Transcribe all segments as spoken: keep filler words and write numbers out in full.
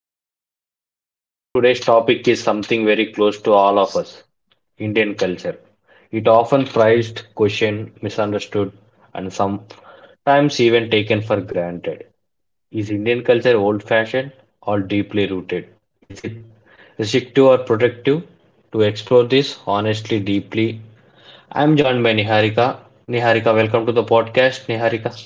I'm your host Hari. Today's topic is something very close to all of us, Indian culture. It often prized, questioned, misunderstood, and sometimes even taken for granted. Is Indian culture old-fashioned or deeply rooted? Is it restrictive or protective? To explore this honestly, deeply, I'm joined by Niharika. Niharika, welcome to the podcast, Niharika.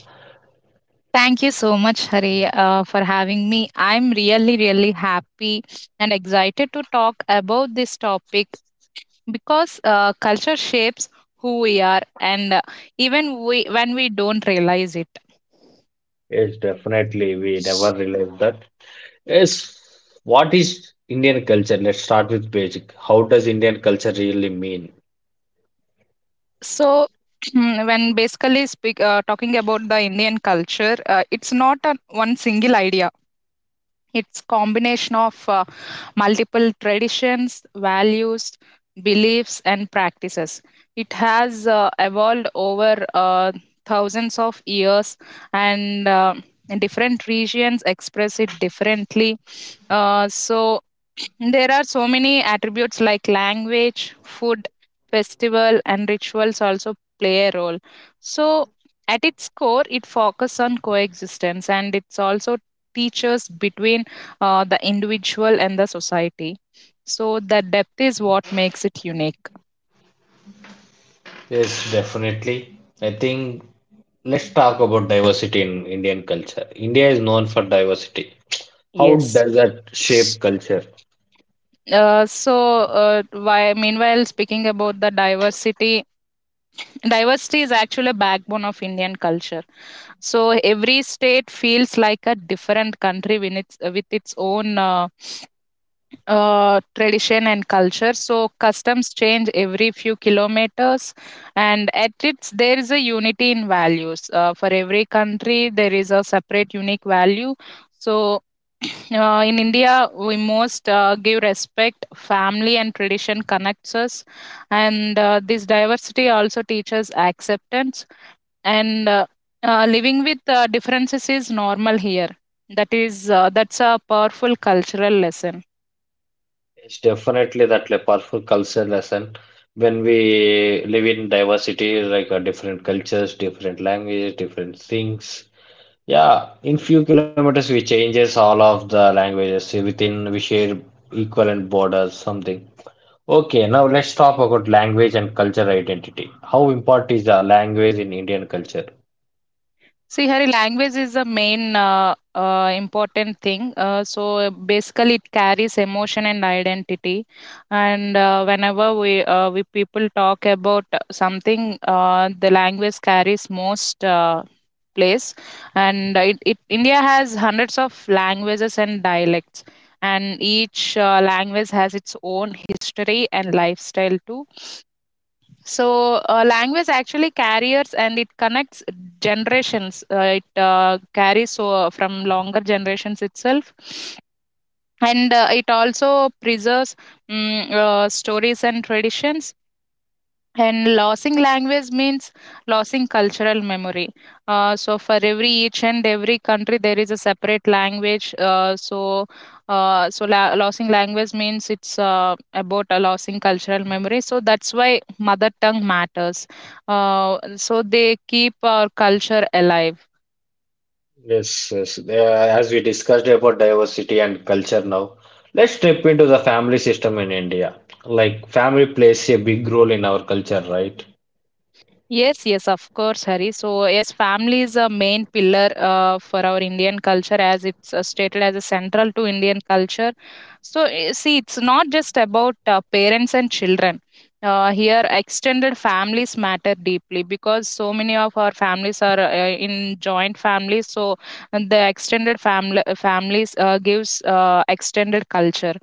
Thank you so much, Hari, uh, for having me. I'm really, really happy and excited to talk about this topic because uh, culture shapes who we are, and uh, even we when we don't realize it. Yes, definitely. We never realized that. Yes, what is Indian culture? Let's start with basic. How does Indian culture really mean? So, when basically speak uh, talking about the Indian culture, uh, it's not a one single idea. It's combination of uh, multiple traditions, values, beliefs, and practices. It has uh, evolved over uh, thousands of years, and uh, different regions express it differently. Uh, so there are so many attributes like language, food, festival, and rituals also play a role. So, at its core, it focuses on coexistence and it's also teaches between uh, the individual and the society. So the depth is what makes it unique. Yes, definitely. I think let's talk about diversity in Indian culture. India is known for diversity. How Yes. does that shape culture? Uh, so uh, why, meanwhile, speaking about the diversity, diversity is actually a backbone of Indian culture. So every state feels like a different country with its, with its own. Uh, Uh, tradition and culture. So customs change every few kilometers, and at its there is a unity in values. Uh, for every country, there is a separate unique value. So uh, in India, we most uh, give respect. Family and tradition connects us, and uh, this diversity also teaches acceptance. And uh, uh, Living with uh, differences is normal here. That is uh, that's a powerful cultural lesson. It's definitely that like powerful culture lesson. When we live in diversity, like uh, different cultures, different languages, different things, yeah, in few kilometers we changes all of the languages within we share equivalent borders something. Okay, now let's talk about language and culture identity. How important is the language in Indian culture? See, Hari, language is the main uh, uh, important thing. Uh, so basically, it carries emotion and identity. And uh, whenever we uh, we people talk about something, uh, the language carries most uh, place. And it, it India has hundreds of languages and dialects, and each uh, language has its own history and lifestyle too, so uh, language actually carriers and it connects generations. Uh, it uh, carries so uh, from longer generations itself, and uh, it also preserves mm uh, stories and traditions, and losing language means losing cultural memory. Uh, so for every each and every country, there is a separate language. Uh, so uh, so la- losing language means it's uh, about uh, losing cultural memory. So that's why mother tongue matters. Uh, so they keep our culture alive. Yes, yes. Uh, as we discussed about diversity and culture now, let's step into the family system in India. Like family plays a big role in our culture, right? Yes, yes, of course, Hari. So, yes, family is a main pillar uh, for our Indian culture as it's uh, stated as a central to Indian culture. So, eh, see, it's not just about uh, parents and children. Uh, here, extended families matter deeply because so many of our families are uh, in joint families. So, the extended family families uh, gives uh, extended culture.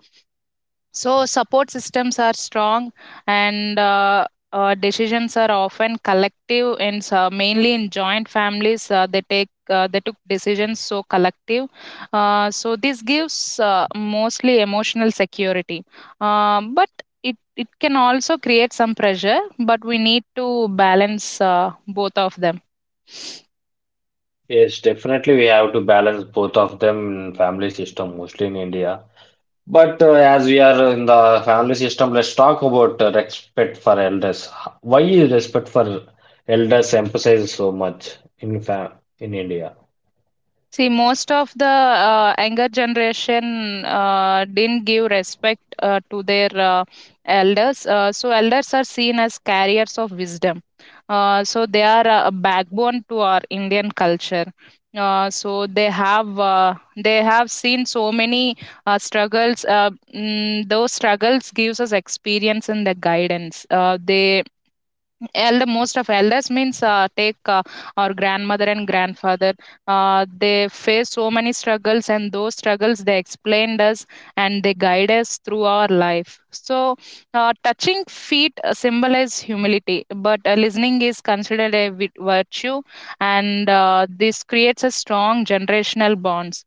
So support systems are strong, and uh, uh, decisions are often collective. In uh, mainly in joint families, uh, they take uh, they took decisions so collective. Uh, so this gives uh, mostly emotional security, Um but it it can also create some pressure. But we need to balance uh, both of them. Yes, definitely we have to balance both of them in family system, mostly in India. But uh, as we are in the family system, let's talk about uh, respect for elders. Why is respect for elders emphasized so much in fam in India? See, most of the uh, younger generation uh, didn't give respect uh, to their uh, elders. Uh, so, elders are seen as carriers of wisdom. Uh, so, they are a backbone to our Indian culture. Uh, so they have uh, they have seen so many uh, struggles. Uh, mm, those struggles gives us experience and the guidance. Uh, they Elder most of elders means uh, take uh, Our grandmother and grandfather. Uh, they face so many struggles, and those struggles they explained us and they guide us through our life. So, uh, touching feet uh, symbolize humility, but uh, listening is considered a vi- virtue, and uh, this creates a strong generational bonds.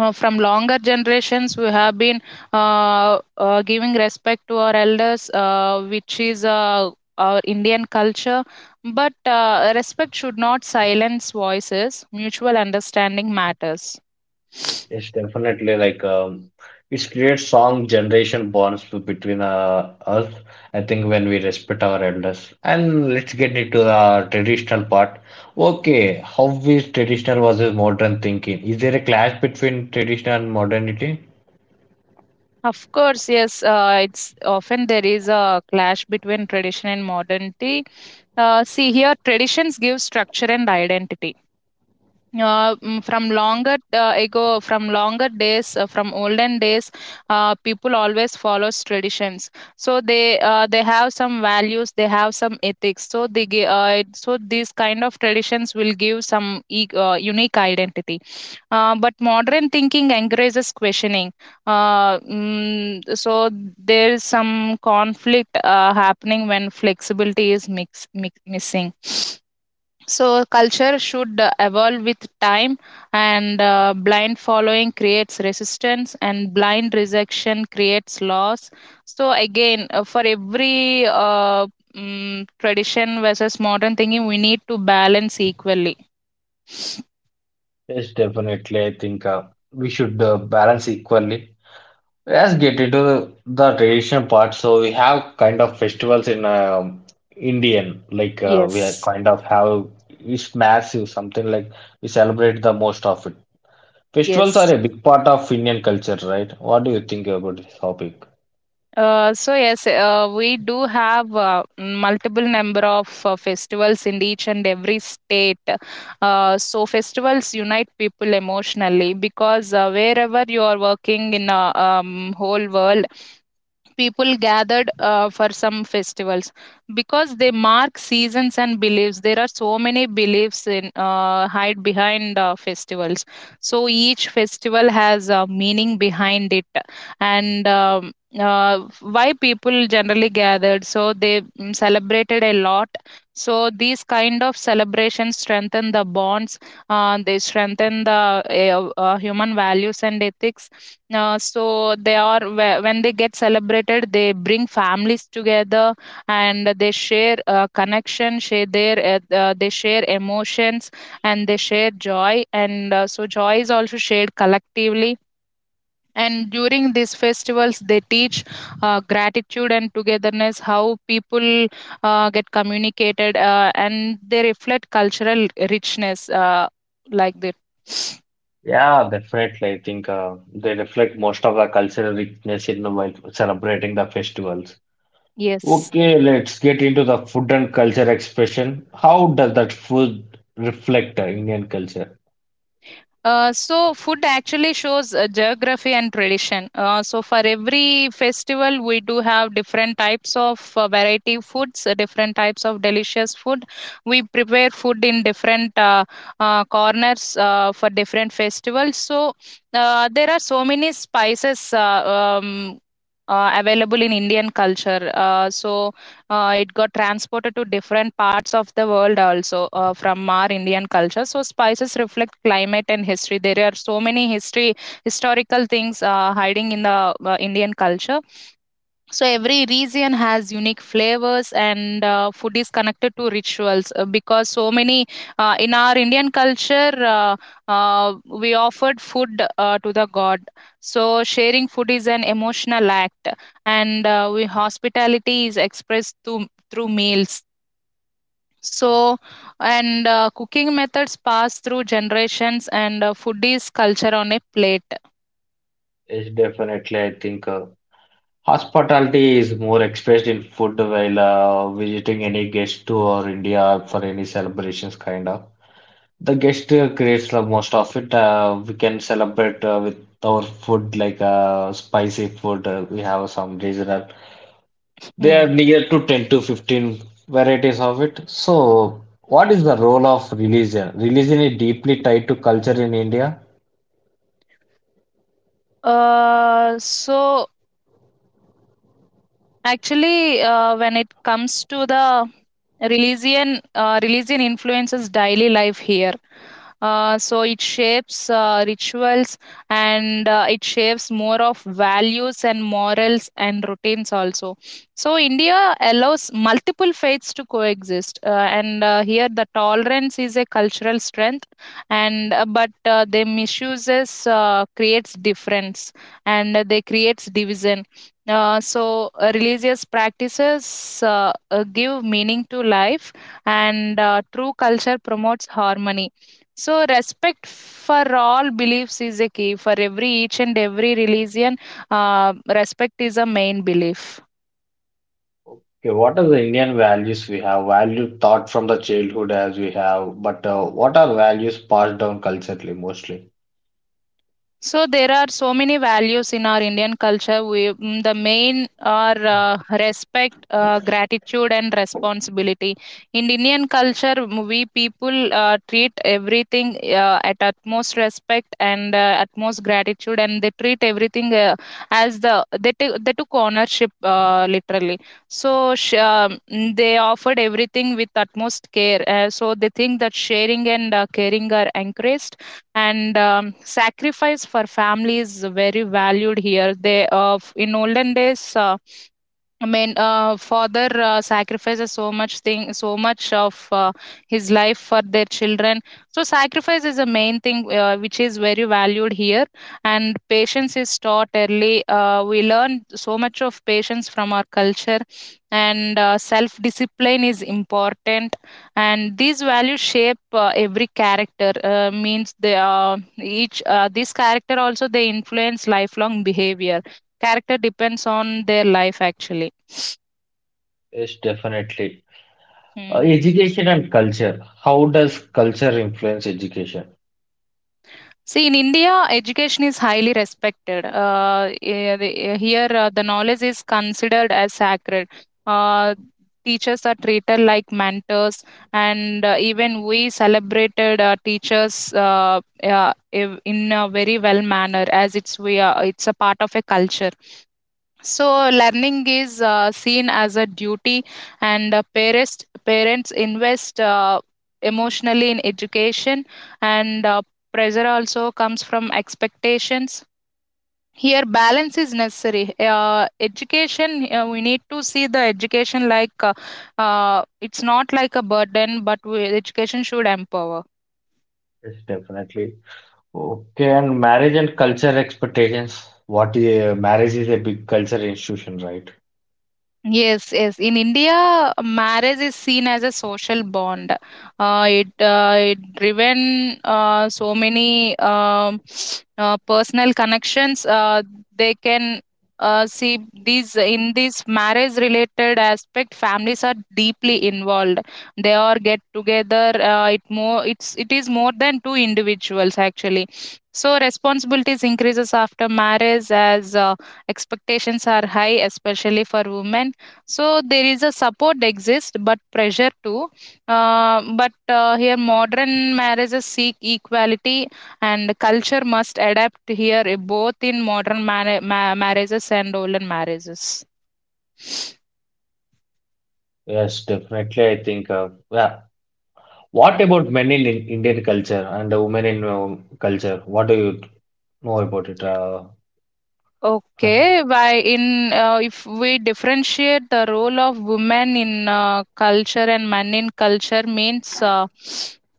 uh, From longer generations we have been uh, uh, giving respect to our elders, uh, which is uh, our Indian culture. But uh, respect should not silence voices. Mutual understanding matters. It's definitely like um, it creates strong generation bonds be- between uh, us. I think when we respect our elders, and let's get into the traditional part. Okay, how is traditional versus modern thinking? Is there a clash between traditional and modernity? Of course, yes, uh, it's often there is a clash between tradition and modernity. Uh, see, here traditions give structure and identity. Uh, mm, from longer uh, ago, from longer days, uh, from olden days, uh, people always follows traditions. So they uh, they have some values, they have some ethics. So they gi- uh, it- so these kind of traditions will give some e- uh, unique identity. Uh, but modern thinking encourages questioning. Uh, mm, so there is some conflict uh, happening when flexibility is mix, mix, missing. So culture should uh, evolve with time, and uh, blind following creates resistance, and blind rejection creates loss. So again, uh, for every uh, mm, tradition versus modern thinking, we need to balance equally. Yes, definitely. I think uh, we should uh, balance equally. Let's get into the, the traditional part. So we have kind of festivals in um Indian, like uh, we are Yes, kind of have it's massive, something like we celebrate the most of it. Festivals are yes. a big part of Indian culture, right? What do you think about this topic? Uh, so yes, Uh, we do have uh, multiple number of uh, festivals in each and every state. Uh, so festivals unite people emotionally because uh, wherever you are working in a um, whole world, people gathered uh, for some festivals because they mark seasons and beliefs. There are so many beliefs in uh, hide behind uh, festivals, so each festival has a meaning behind it. And um, uh, Why people generally gathered, so they mm, celebrated a lot, so these kind of celebrations strengthen the bonds. Uh, they strengthen the uh, uh, human values and ethics. Uh, so they are whe- when they get celebrated, they bring families together, and they share uh, connection, share their uh, uh, they share emotions and they share joy. And uh, so joy is also shared collectively, and during these festivals they teach uh, gratitude and togetherness. How people uh, get communicated, uh, and they reflect cultural richness, uh, like that. Yeah, definitely. I think uh, they reflect most of the cultural richness in while celebrating the festivals. Yes. Okay, let's get into the food and culture expression. How does that food reflect uh, Indian culture? Uh, so food actually shows uh, geography and tradition. Uh, so for every festival, we do have different types of uh, variety foods, uh, different types of delicious food. We prepare food in different uh, uh, corners uh, for different festivals. So uh, there are so many spices uh, um, uh, available in Indian culture. Uh, so uh, it got transported to different parts of the world also uh, from our Indian culture. So spices reflect climate and history. There are so many history historical things uh, hiding in the uh, Indian culture. So every region has unique flavors, and uh, food is connected to rituals uh, because so many uh, in our Indian culture uh, uh, we offered food uh, to the god. So sharing food is an emotional act, and uh, we hospitality is expressed through through meals. So and uh, cooking methods pass through generations, and uh, food is culture on a plate. It's definitely, I think, uh, hospitality is more expressed in food while uh, visiting any guest to or India for any celebrations, kind of. The guest uh, creates the most of it. Uh, we can celebrate uh, with our food, like uh, spicy food. Uh, we have some regional they are Hmm. near to ten to fifteen varieties of it. So, what is the role of religion? Religion is deeply tied to culture in India. Uh, so Actually, uh, when it comes to the religion, uh, religion influences daily life here. Uh, so it shapes uh, rituals, and uh, it shapes more of values and morals and routines also. So India allows multiple faiths to coexist, uh, and uh, here the tolerance is a cultural strength, and uh, but uh, they misuses uh, creates difference, and uh, they creates division, uh, so uh, religious practices uh, uh, give meaning to life, and uh, true culture promotes harmony. So respect for all beliefs is a key for every each and every religion. Uh, respect is a main belief. Okay, what are the Indian values we have? Value taught from the childhood as we have, but uh, what are values passed down culturally mostly? So there are so many values in our Indian culture. We, mm, the main are uh, respect, uh, gratitude, and responsibility. In Indian culture, mm, we people uh, treat everything uh, at utmost respect and uh, utmost gratitude, and they treat everything uh, as the they t- they took ownership uh, literally. So sh- um, mm, they offered everything with utmost care. Uh, so they think that sharing and uh, caring are encouraged, and um, sacrifice for family is very valued here. They uh, f- in olden days, uh, I mean, uh, father uh, sacrifices so much thing, so much of uh, his life for their children. So sacrifice is a main thing, uh, which is very valued here. And patience is taught early. Uh, we learn so much of patience from our culture, and uh, self discipline is important, and these values shape uh, every character. Uh, means they uh, each uh, This character also they influence lifelong behavior. Character depends on their life actually. Yes, definitely. Uh, education and culture. How does culture influence education? See, in India, education is highly respected. Uh, eh, the- eh, here, uh, the knowledge is considered as sacred. Uh, teachers are treated like mentors, and uh, even we celebrated uh, teachers uh, uh, ev- in a very well manner, as it's we are, it's a part of a culture. So, learning is uh, seen as a duty, and uh, parents parents invest uh, emotionally in education, and uh, pressure also comes from expectations. Here, balance is necessary. Uh, education, uh, we need to see the education like uh, uh, it's not like a burden, but we, education should empower. Yes, definitely. Okay, and marriage and culture expectations. What is marriage is a big culture institution, right? Yes, yes. In India, marriage is seen as a social bond. Uh, it uh, it driven uh, so many um, uh, personal connections. Uh, they can uh, see these in this marriage related aspect, families are deeply involved. They are get together. Uh, it more it's it is more than two individuals actually. So responsibilities increases after marriage as uh, expectations are high, especially for women. So there is a support exists but pressure too. Uh, but uh, Here modern marriages seek equality, and culture must adapt here, eh, both in modern man- ma- marriages and olden marriages. Yes, definitely. I think, uh, yeah. What about men in in- Indian culture and the women in um, culture? What do you know about it? Uh, Okay, by in uh, if we differentiate the role of women in uh, culture and men in culture means, uh,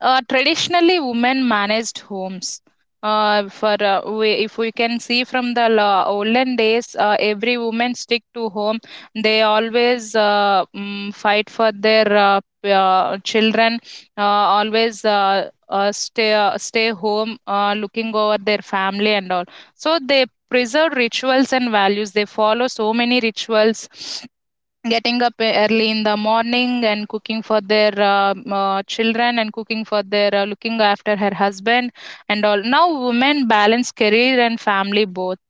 uh, traditionally women managed homes. Uh, for uh, We, if we can see from the la- olden days, uh, every woman stick to home. They always uh, mm, fight for their uh, p- uh, children. Uh, Always uh, uh, stay uh, stay home, uh, looking over their family and all. So they preserved rituals and values. They follow so many rituals. Getting up e early in the morning and cooking for their, um, uh, children, and cooking for their, uh, looking after her husband and all. Now women balance career and family both.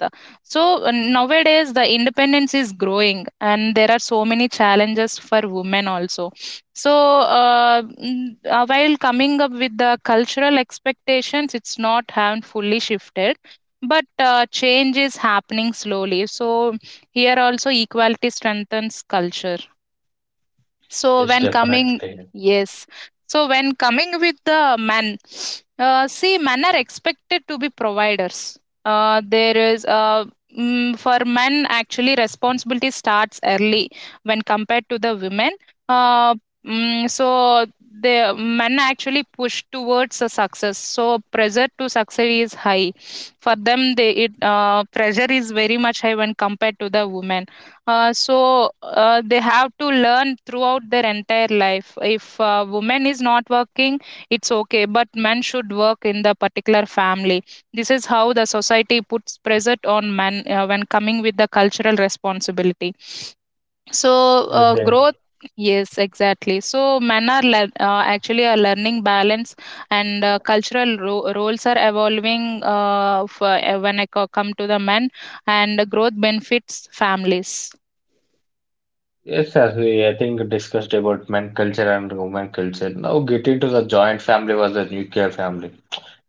So uh, nowadays the independence is growing, and there are so many challenges for women also. So uh, mm, uh, while coming up with the cultural expectations, it's not haven't fully shifted. But uh, change is happening slowly. So here also equality strengthens culture. So it's when coming, definitely. yes. So when coming with the men, uh, see, men are expected to be providers. Uh, there is uh, mm, for men actually responsibility starts early when compared to the women. Uh, mm, so the men actually push towards the success. So pressure to succeed is high for them. They it uh, Pressure is very much high when compared to the women. Uh, so uh, they have to learn throughout their entire life. If uh, woman is not working, it's okay, but men should work in the particular family. This is how the society puts pressure on men uh, when coming with the cultural responsibility. So Yes, uh, def- Growth. Yes, exactly. So men are lear- uh, actually are learning balance, and uh, cultural ro- roles are evolving. Uh, for, uh, when I co- Come to the men, and growth benefits families. yes, as we, I think, discussed about men culture and women culture. Now, getting to the joint family was the nuclear family.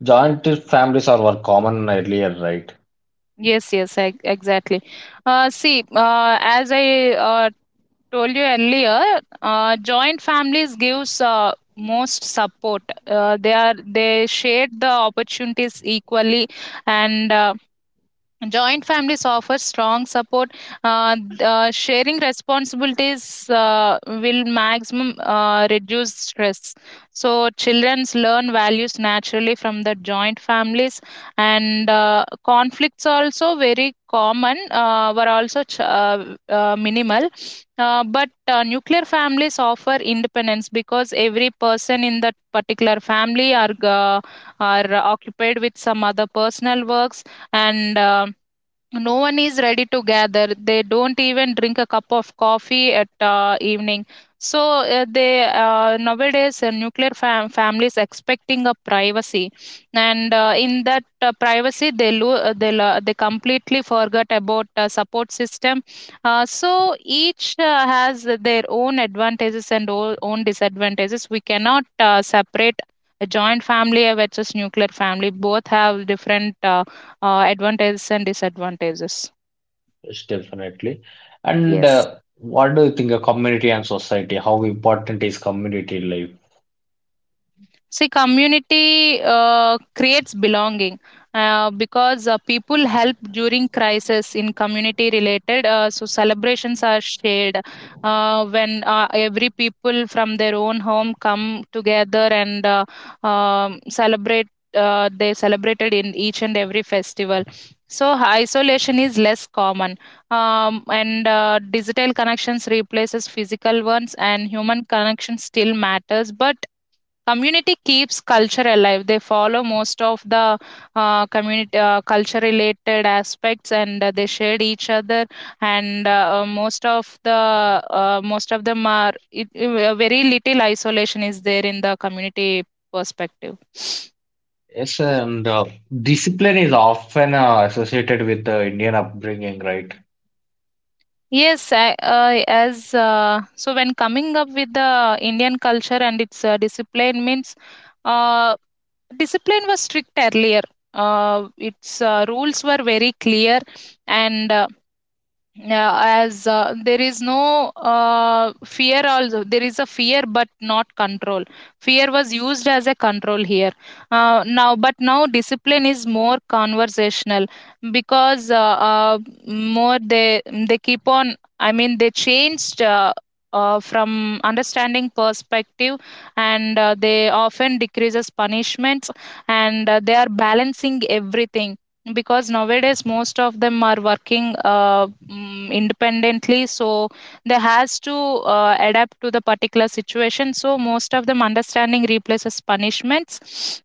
Joint families are were common earlier, right? Yes, yes, ex- exactly. Uh, see, uh, as I uh, told you earlier, uh, joint families gives uh, most support. Uh, they are they share the opportunities equally, and uh, joint families offer strong support, uh, uh, sharing responsibilities uh, will maximum uh, reduce stress. So children learn values naturally from the joint families, and uh, conflicts also very common uh, were also ch- uh, uh, minimal. Uh, but uh, nuclear families offer independence because every person in that particular family are uh, are occupied with some other personal works, and um, no one is ready to gather. They don't even drink a cup of coffee at uh, evening. So uh, they uh, nowadays uh, nuclear fam- families expecting a privacy, and uh, in that uh, privacy they lo- uh, they, lo- they completely forget about uh, support system. Uh, so each uh, has their own advantages and o- own disadvantages. We cannot uh, separate a joint family versus nuclear family. Both have different uh, uh, advantages and disadvantages. It's definitely. And Yes. uh, what do you think of community and society? How important is community life? See, community uh, creates belonging uh, because uh, people help during crisis in community related. Uh, so celebrations are shared uh, when uh, every people from their own home come together and uh, um, celebrate. Uh, they celebrated in each and every festival. So isolation is less common, um, and uh, digital connections replaces physical ones, and human connection still matters, but community keeps culture alive. They follow most of the uh, community uh, culture related aspects, and uh, they shared each other, and uh, uh, most of the uh, most of them are it, uh, very little isolation is there in the community perspective. Yes, and uh, discipline is often uh, associated with the Indian upbringing, right? Yes. I, uh, as uh, So when coming up with the Indian culture and its uh, discipline means, uh, discipline was strict earlier. Uh, its uh, Rules were very clear, and uh, yeah, as uh, there is no uh, fear, also there is a fear, but not control. Fear was used as a control here. Uh, now, but now discipline is more conversational because uh, uh, more they they keep on. I mean, they changed. Uh, uh, from understanding perspective, and uh, they often decreases punishments, and uh, they are balancing everything because nowadays most of them are working uh, mm, independently. So they has to uh, adapt to the particular situation. So most of them understanding replaces punishments,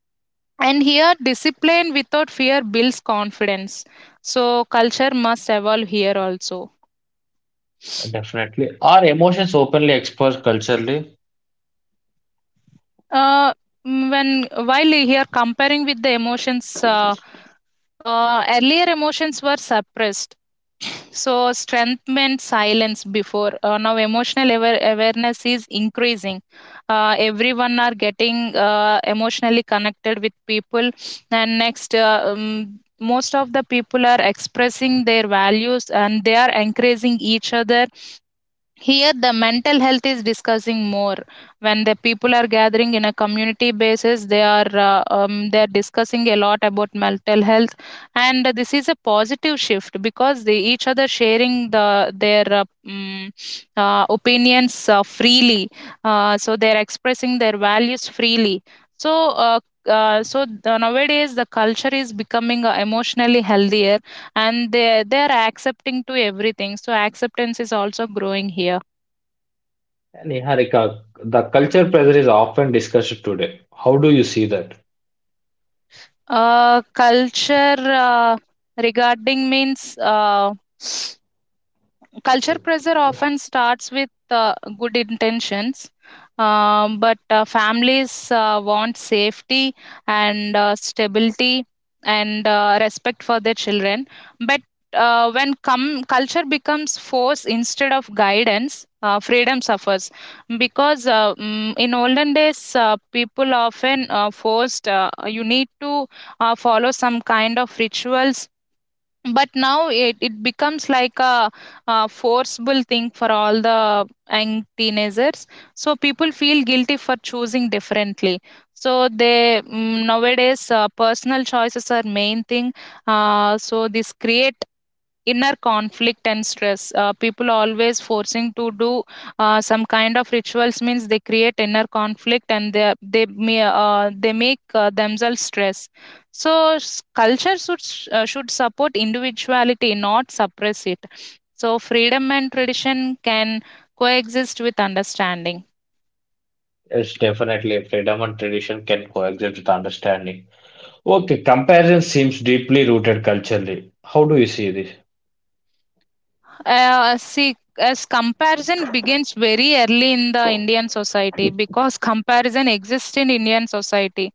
and here discipline without fear builds confidence. So culture must evolve here also. Definitely. Our emotions openly expressed culturally. Uh, mm, when while here comparing with the emotions, uh, uh, earlier emotions were suppressed. So, strength meant silence before. Uh, now, emotional aware- awareness is increasing. Uh, everyone are getting uh, emotionally connected with people, and next, uh, um, most of the people are expressing their values, and they are encouraging each other. Here, the mental health is discussing more. When the people are gathering in a community basis, they are uh, um, they are discussing a lot about mental health, and this is a positive shift because they each other sharing the their uh, mm, uh, opinions uh, freely. Uh, so they are expressing their values freely. So. Uh, uh, so the- Nowadays the culture is becoming uh, emotionally healthier, and they they are accepting to everything. So acceptance is also growing here. And Niharika, the culture pressure is often discussed today. How do you see that? Uh, culture uh, regarding means uh, Culture pressure often starts with uh, good intentions, um, but uh, families uh, want safety and uh, stability and uh, respect for their children. But uh, when come culture becomes force instead of guidance, uh, freedom suffers because uh, mm, in olden days uh, people often uh, forced, uh, you need to uh, follow some kind of rituals. But now it, it becomes like a, a forcible thing for all the young teenagers. So people feel guilty for choosing differently. So they mm, nowadays uh, personal choices are main thing. Uh, so this create inner conflict and stress. Uh, people are always forcing to do uh, some kind of rituals means they create inner conflict, and they they may uh, they make uh, themselves stress. So s- culture should s- uh, should support individuality, not suppress it. So freedom and tradition can coexist with understanding. Yes, definitely. Freedom and tradition can coexist with understanding. Okay, comparison seems deeply rooted culturally. How do you see this? Uh, see, as comparison begins very early in the Indian society because comparison exists in Indian society.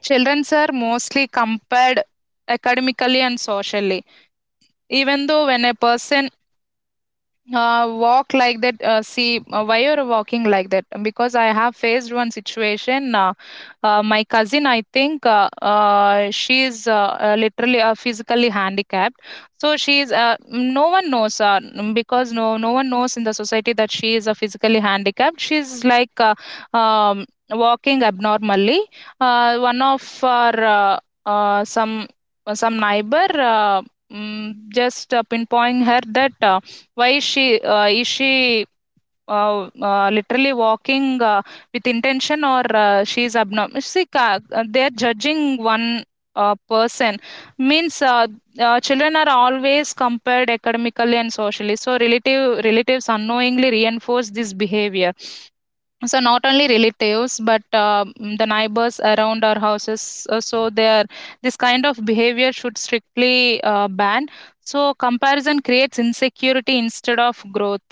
Childrens are mostly compared academically and socially. Even though when a person uh, walk like that, uh, see, uh, why you're walking like that? Because I have faced one situation. Uh, uh, my cousin, I think, uh, uh, she is uh, uh, literally uh, physically handicapped. So she is, uh, no one knows, uh, n- because no no one knows in the society that she is uh, physically handicapped. She's like uh, um, walking abnormally. Uh, one of our uh, uh, some some neighbor uh, mm, just uh, pinpointing her that, uh, why is she, uh, is she uh, uh, literally walking uh, with intention, or uh, she is abnormal? See, ca- uh, they are judging one uh, person means, uh, uh, children are always compared academically and socially. So relative relatives unknowingly reinforce this behavior. So not only relatives, but uh, mm, the neighbors around our houses. uh, So they this kind of behavior should strictly uh, ban. So comparison creates insecurity instead of growth.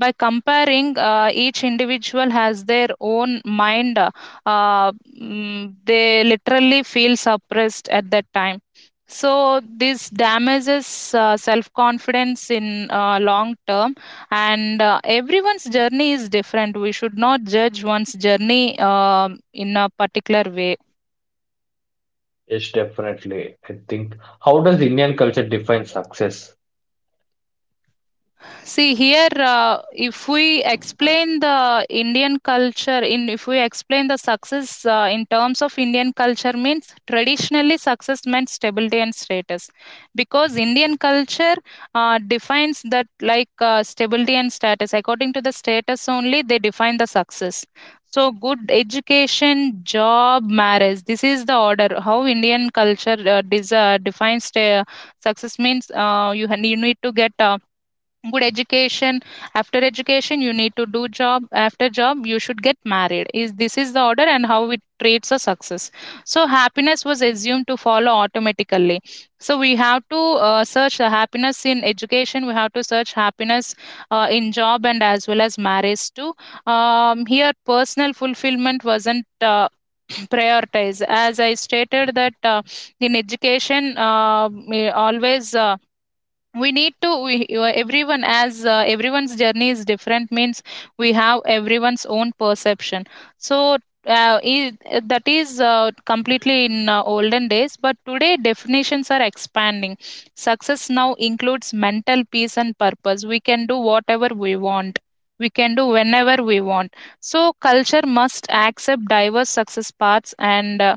By comparing, uh, each individual has their own mind. Uh, uh, mm, they literally feel suppressed at that time. So this damages uh, self confidence in uh, long term, and uh, everyone's journey is different. We should not judge one's journey um, in a particular way. Yes, definitely. I think. How does Indian culture define success? See here, uh, if we explain the Indian culture, in if we explain the success uh, in terms of Indian culture, means traditionally success meant stability and status, because Indian culture uh, defines that like uh, stability and status. According to the status only, they define the success. So good education, job, marriage. This is the order how Indian culture uh, des- uh, defines uh, success means, uh, you ha- you need to get Uh, good education. After education you need to do job. After job you should get married. Is this is the order, and how it traits a success. So happiness was assumed to follow automatically. So we have to uh, search the happiness in education. We have to search happiness uh, in job and as well as marriage too. Um, here personal fulfillment wasn't uh, prioritized. As I stated that, uh, in education uh, we always, uh, we need to we, uh, everyone, as uh, everyone's journey is different means, we have everyone's own perception. So uh, i- that is uh, completely in uh, olden days, but today definitions are expanding. Success now includes mental peace and purpose. We can do whatever we want. We can do whenever we want. So culture must accept diverse success paths, and uh,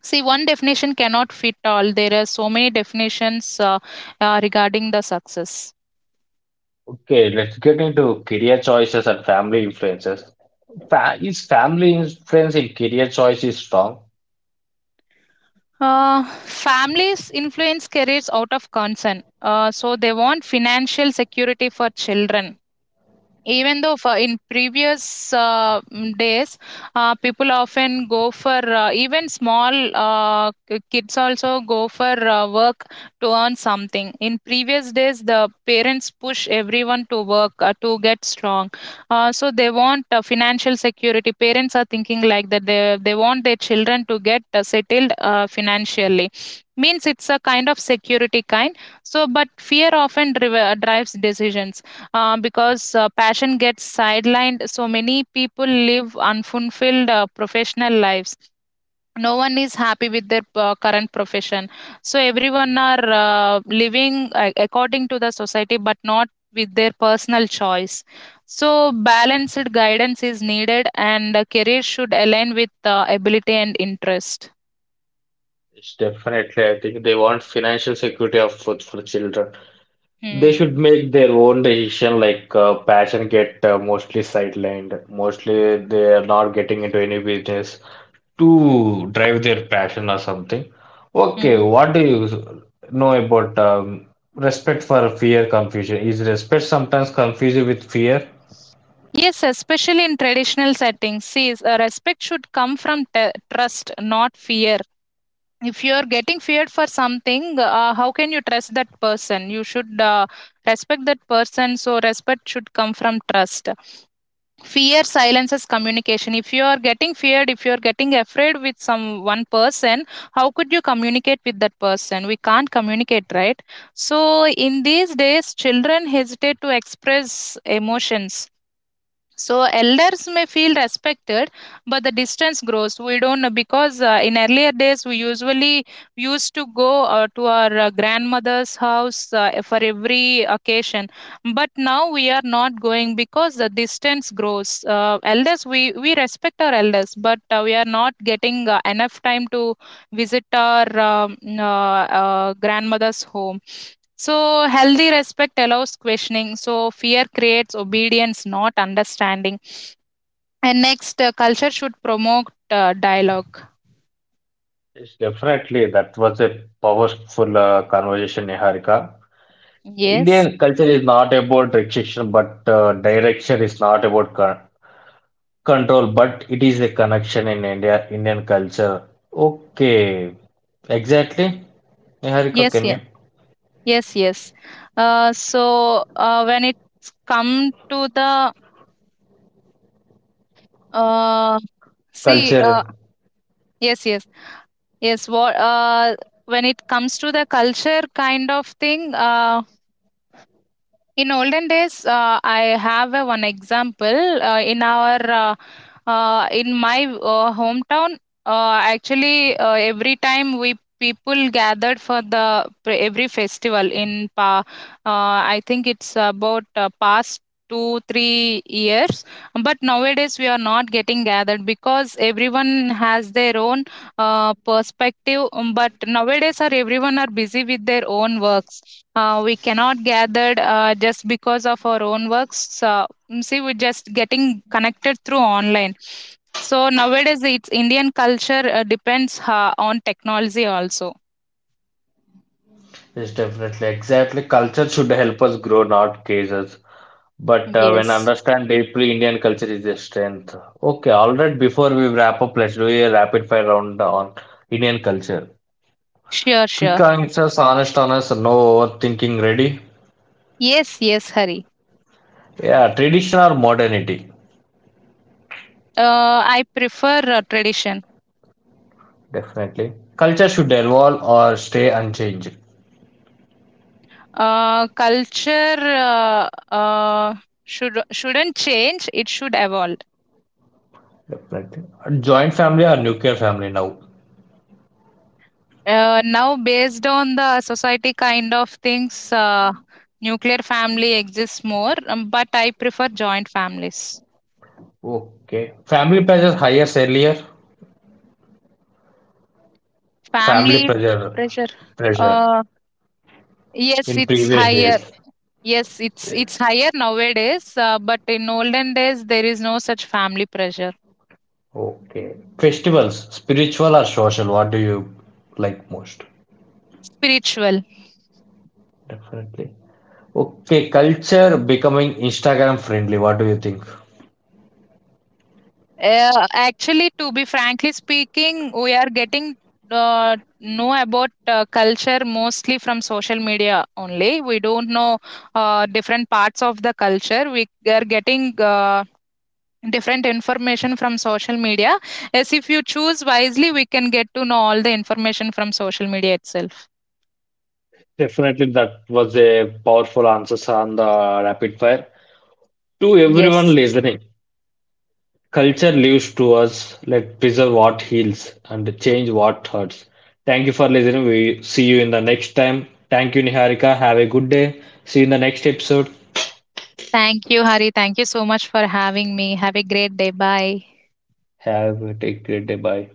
see, one definition cannot fit all. There are so many definitions uh, uh, regarding the success. Okay, let's get into career choices and family influences. Fa Is family influence in career choice is strong? Uh, families influence careers out of concern. Uh, so they want financial security for children, even though for in previous uh, mm, days uh, people often go for uh, even small uh, k- kids also go for uh, work to earn something. In previous days, the parents push everyone to work uh, to get strong. Uh, so they want uh, financial security. Parents are thinking like that. They, they want their children to get uh, settled uh, financially. Means it's a kind of security kind. So but fear often drive, uh, drives decisions, uh, because uh, passion gets sidelined. So many people live unfulfilled uh, professional lives. No one is happy with their uh, current profession. So everyone are uh, living uh, according to the society, but not with their personal choice. So balanced guidance is needed, and a career should align with uh, ability and interest. It's definitely, I think they want financial security of for, for children. They Hmm. should make their own decision, like uh, passion get uh, mostly sidelined. Mostly they are not getting into any business to drive their passion or something. Okay, Hmm. what do you know about um, respect for fear confusion? Is respect sometimes confused with fear? Yes, especially in traditional settings. See, s- uh, respect should come from t- trust, not fear. If you're getting feared for something, uh, how can you trust that person? You should uh, respect that person. So respect should come from trust. Fear silences communication. If you are getting feared, if you're getting afraid with some one person, how could you communicate with that person? We can't communicate, right? So in these days, children hesitate to express emotions, so elders may feel respected, but the distance grows. We don't know, because uh, in earlier days we usually used to go uh, to our uh, grandmother's house uh, for every occasion, but now we are not going because the distance grows. Uh, elders, we we respect our elders, but uh, we are not getting uh, enough time to visit our um, uh, uh, grandmother's home. So healthy respect allows questioning. So fear creates obedience, not understanding. And next, uh, culture should promote uh, dialogue. Yes, definitely. That was a powerful uh, conversation, Niharika. Yes, Indian culture is not about restriction, but uh, direction is not about co- control, but it is a connection in India, Indian culture. Okay, exactly. Niharika, yes, can you? yes, yes, yes. Uh, so, uh, when it come to the uh, see, Culture uh, yes, yes, yes. What uh, when it comes to the culture kind of thing, uh, in olden days, uh, I have a one example. Uh, in our, uh, uh, in my uh, hometown, uh, actually, uh, every time we people gathered for the pre- every festival in pa, uh, I think it's about uh, past two three years, but nowadays we are not getting gathered because everyone has their own uh, perspective. Um, but nowadays are everyone are busy with their own works. Uh, we cannot gathered uh, just because of our own works. Uh, mm, see, we're just getting connected through online. So nowadays it's Indian culture uh, depends uh, on technology also. is definitely exactly. Culture should help us grow, not cage us. But uh, when Yes. understand deeply, Indian culture is a strength. Okay, all right. Before we wrap up, let's do a rapid fire round on Indian culture. Sure, Quick sure. answers, honest answers, no overthinking. Ready? Yes, yes, Hari. Yeah, tradition or modernity? Uh, i prefer uh, tradition. Definitely. Culture should evolve or stay unchanged. Uh, culture uh, uh, should shouldn't change, it should evolve. Definitely. Joint family or nuclear family now? Uh, now, based on the society kind of things, uh, nuclear family exists more, um, but I prefer joint families. Okay. Family pressure higher earlier. Family Family pressure pressure. Pressure Uh, yes, in it's previous higher. days. Yes, it's Yes. it's higher nowadays. Uh, but in olden days, there is no such family pressure. Okay. Festivals, spiritual or social? What do you like most? Spiritual. Definitely. Okay, culture becoming Instagram friendly. What do you think? Uh, actually, to be frankly speaking, we are getting uh, know about uh, culture mostly from social media only. We don't know uh, different parts of the culture. We are getting uh, different information from social media. Yes, if you choose wisely, we can get to know all the information from social media itself. Definitely, that was a powerful answer on the rapid fire. To everyone Yes. listening, culture lives to us. Let preserve what heals and change what hurts. Thank you for listening. We see you in the next time. Thank you, Niharika. Have a good day. See you in the next episode. Thank you, Hari. Thank you so much for having me. Have a great day. Bye. Have a take great day. Bye.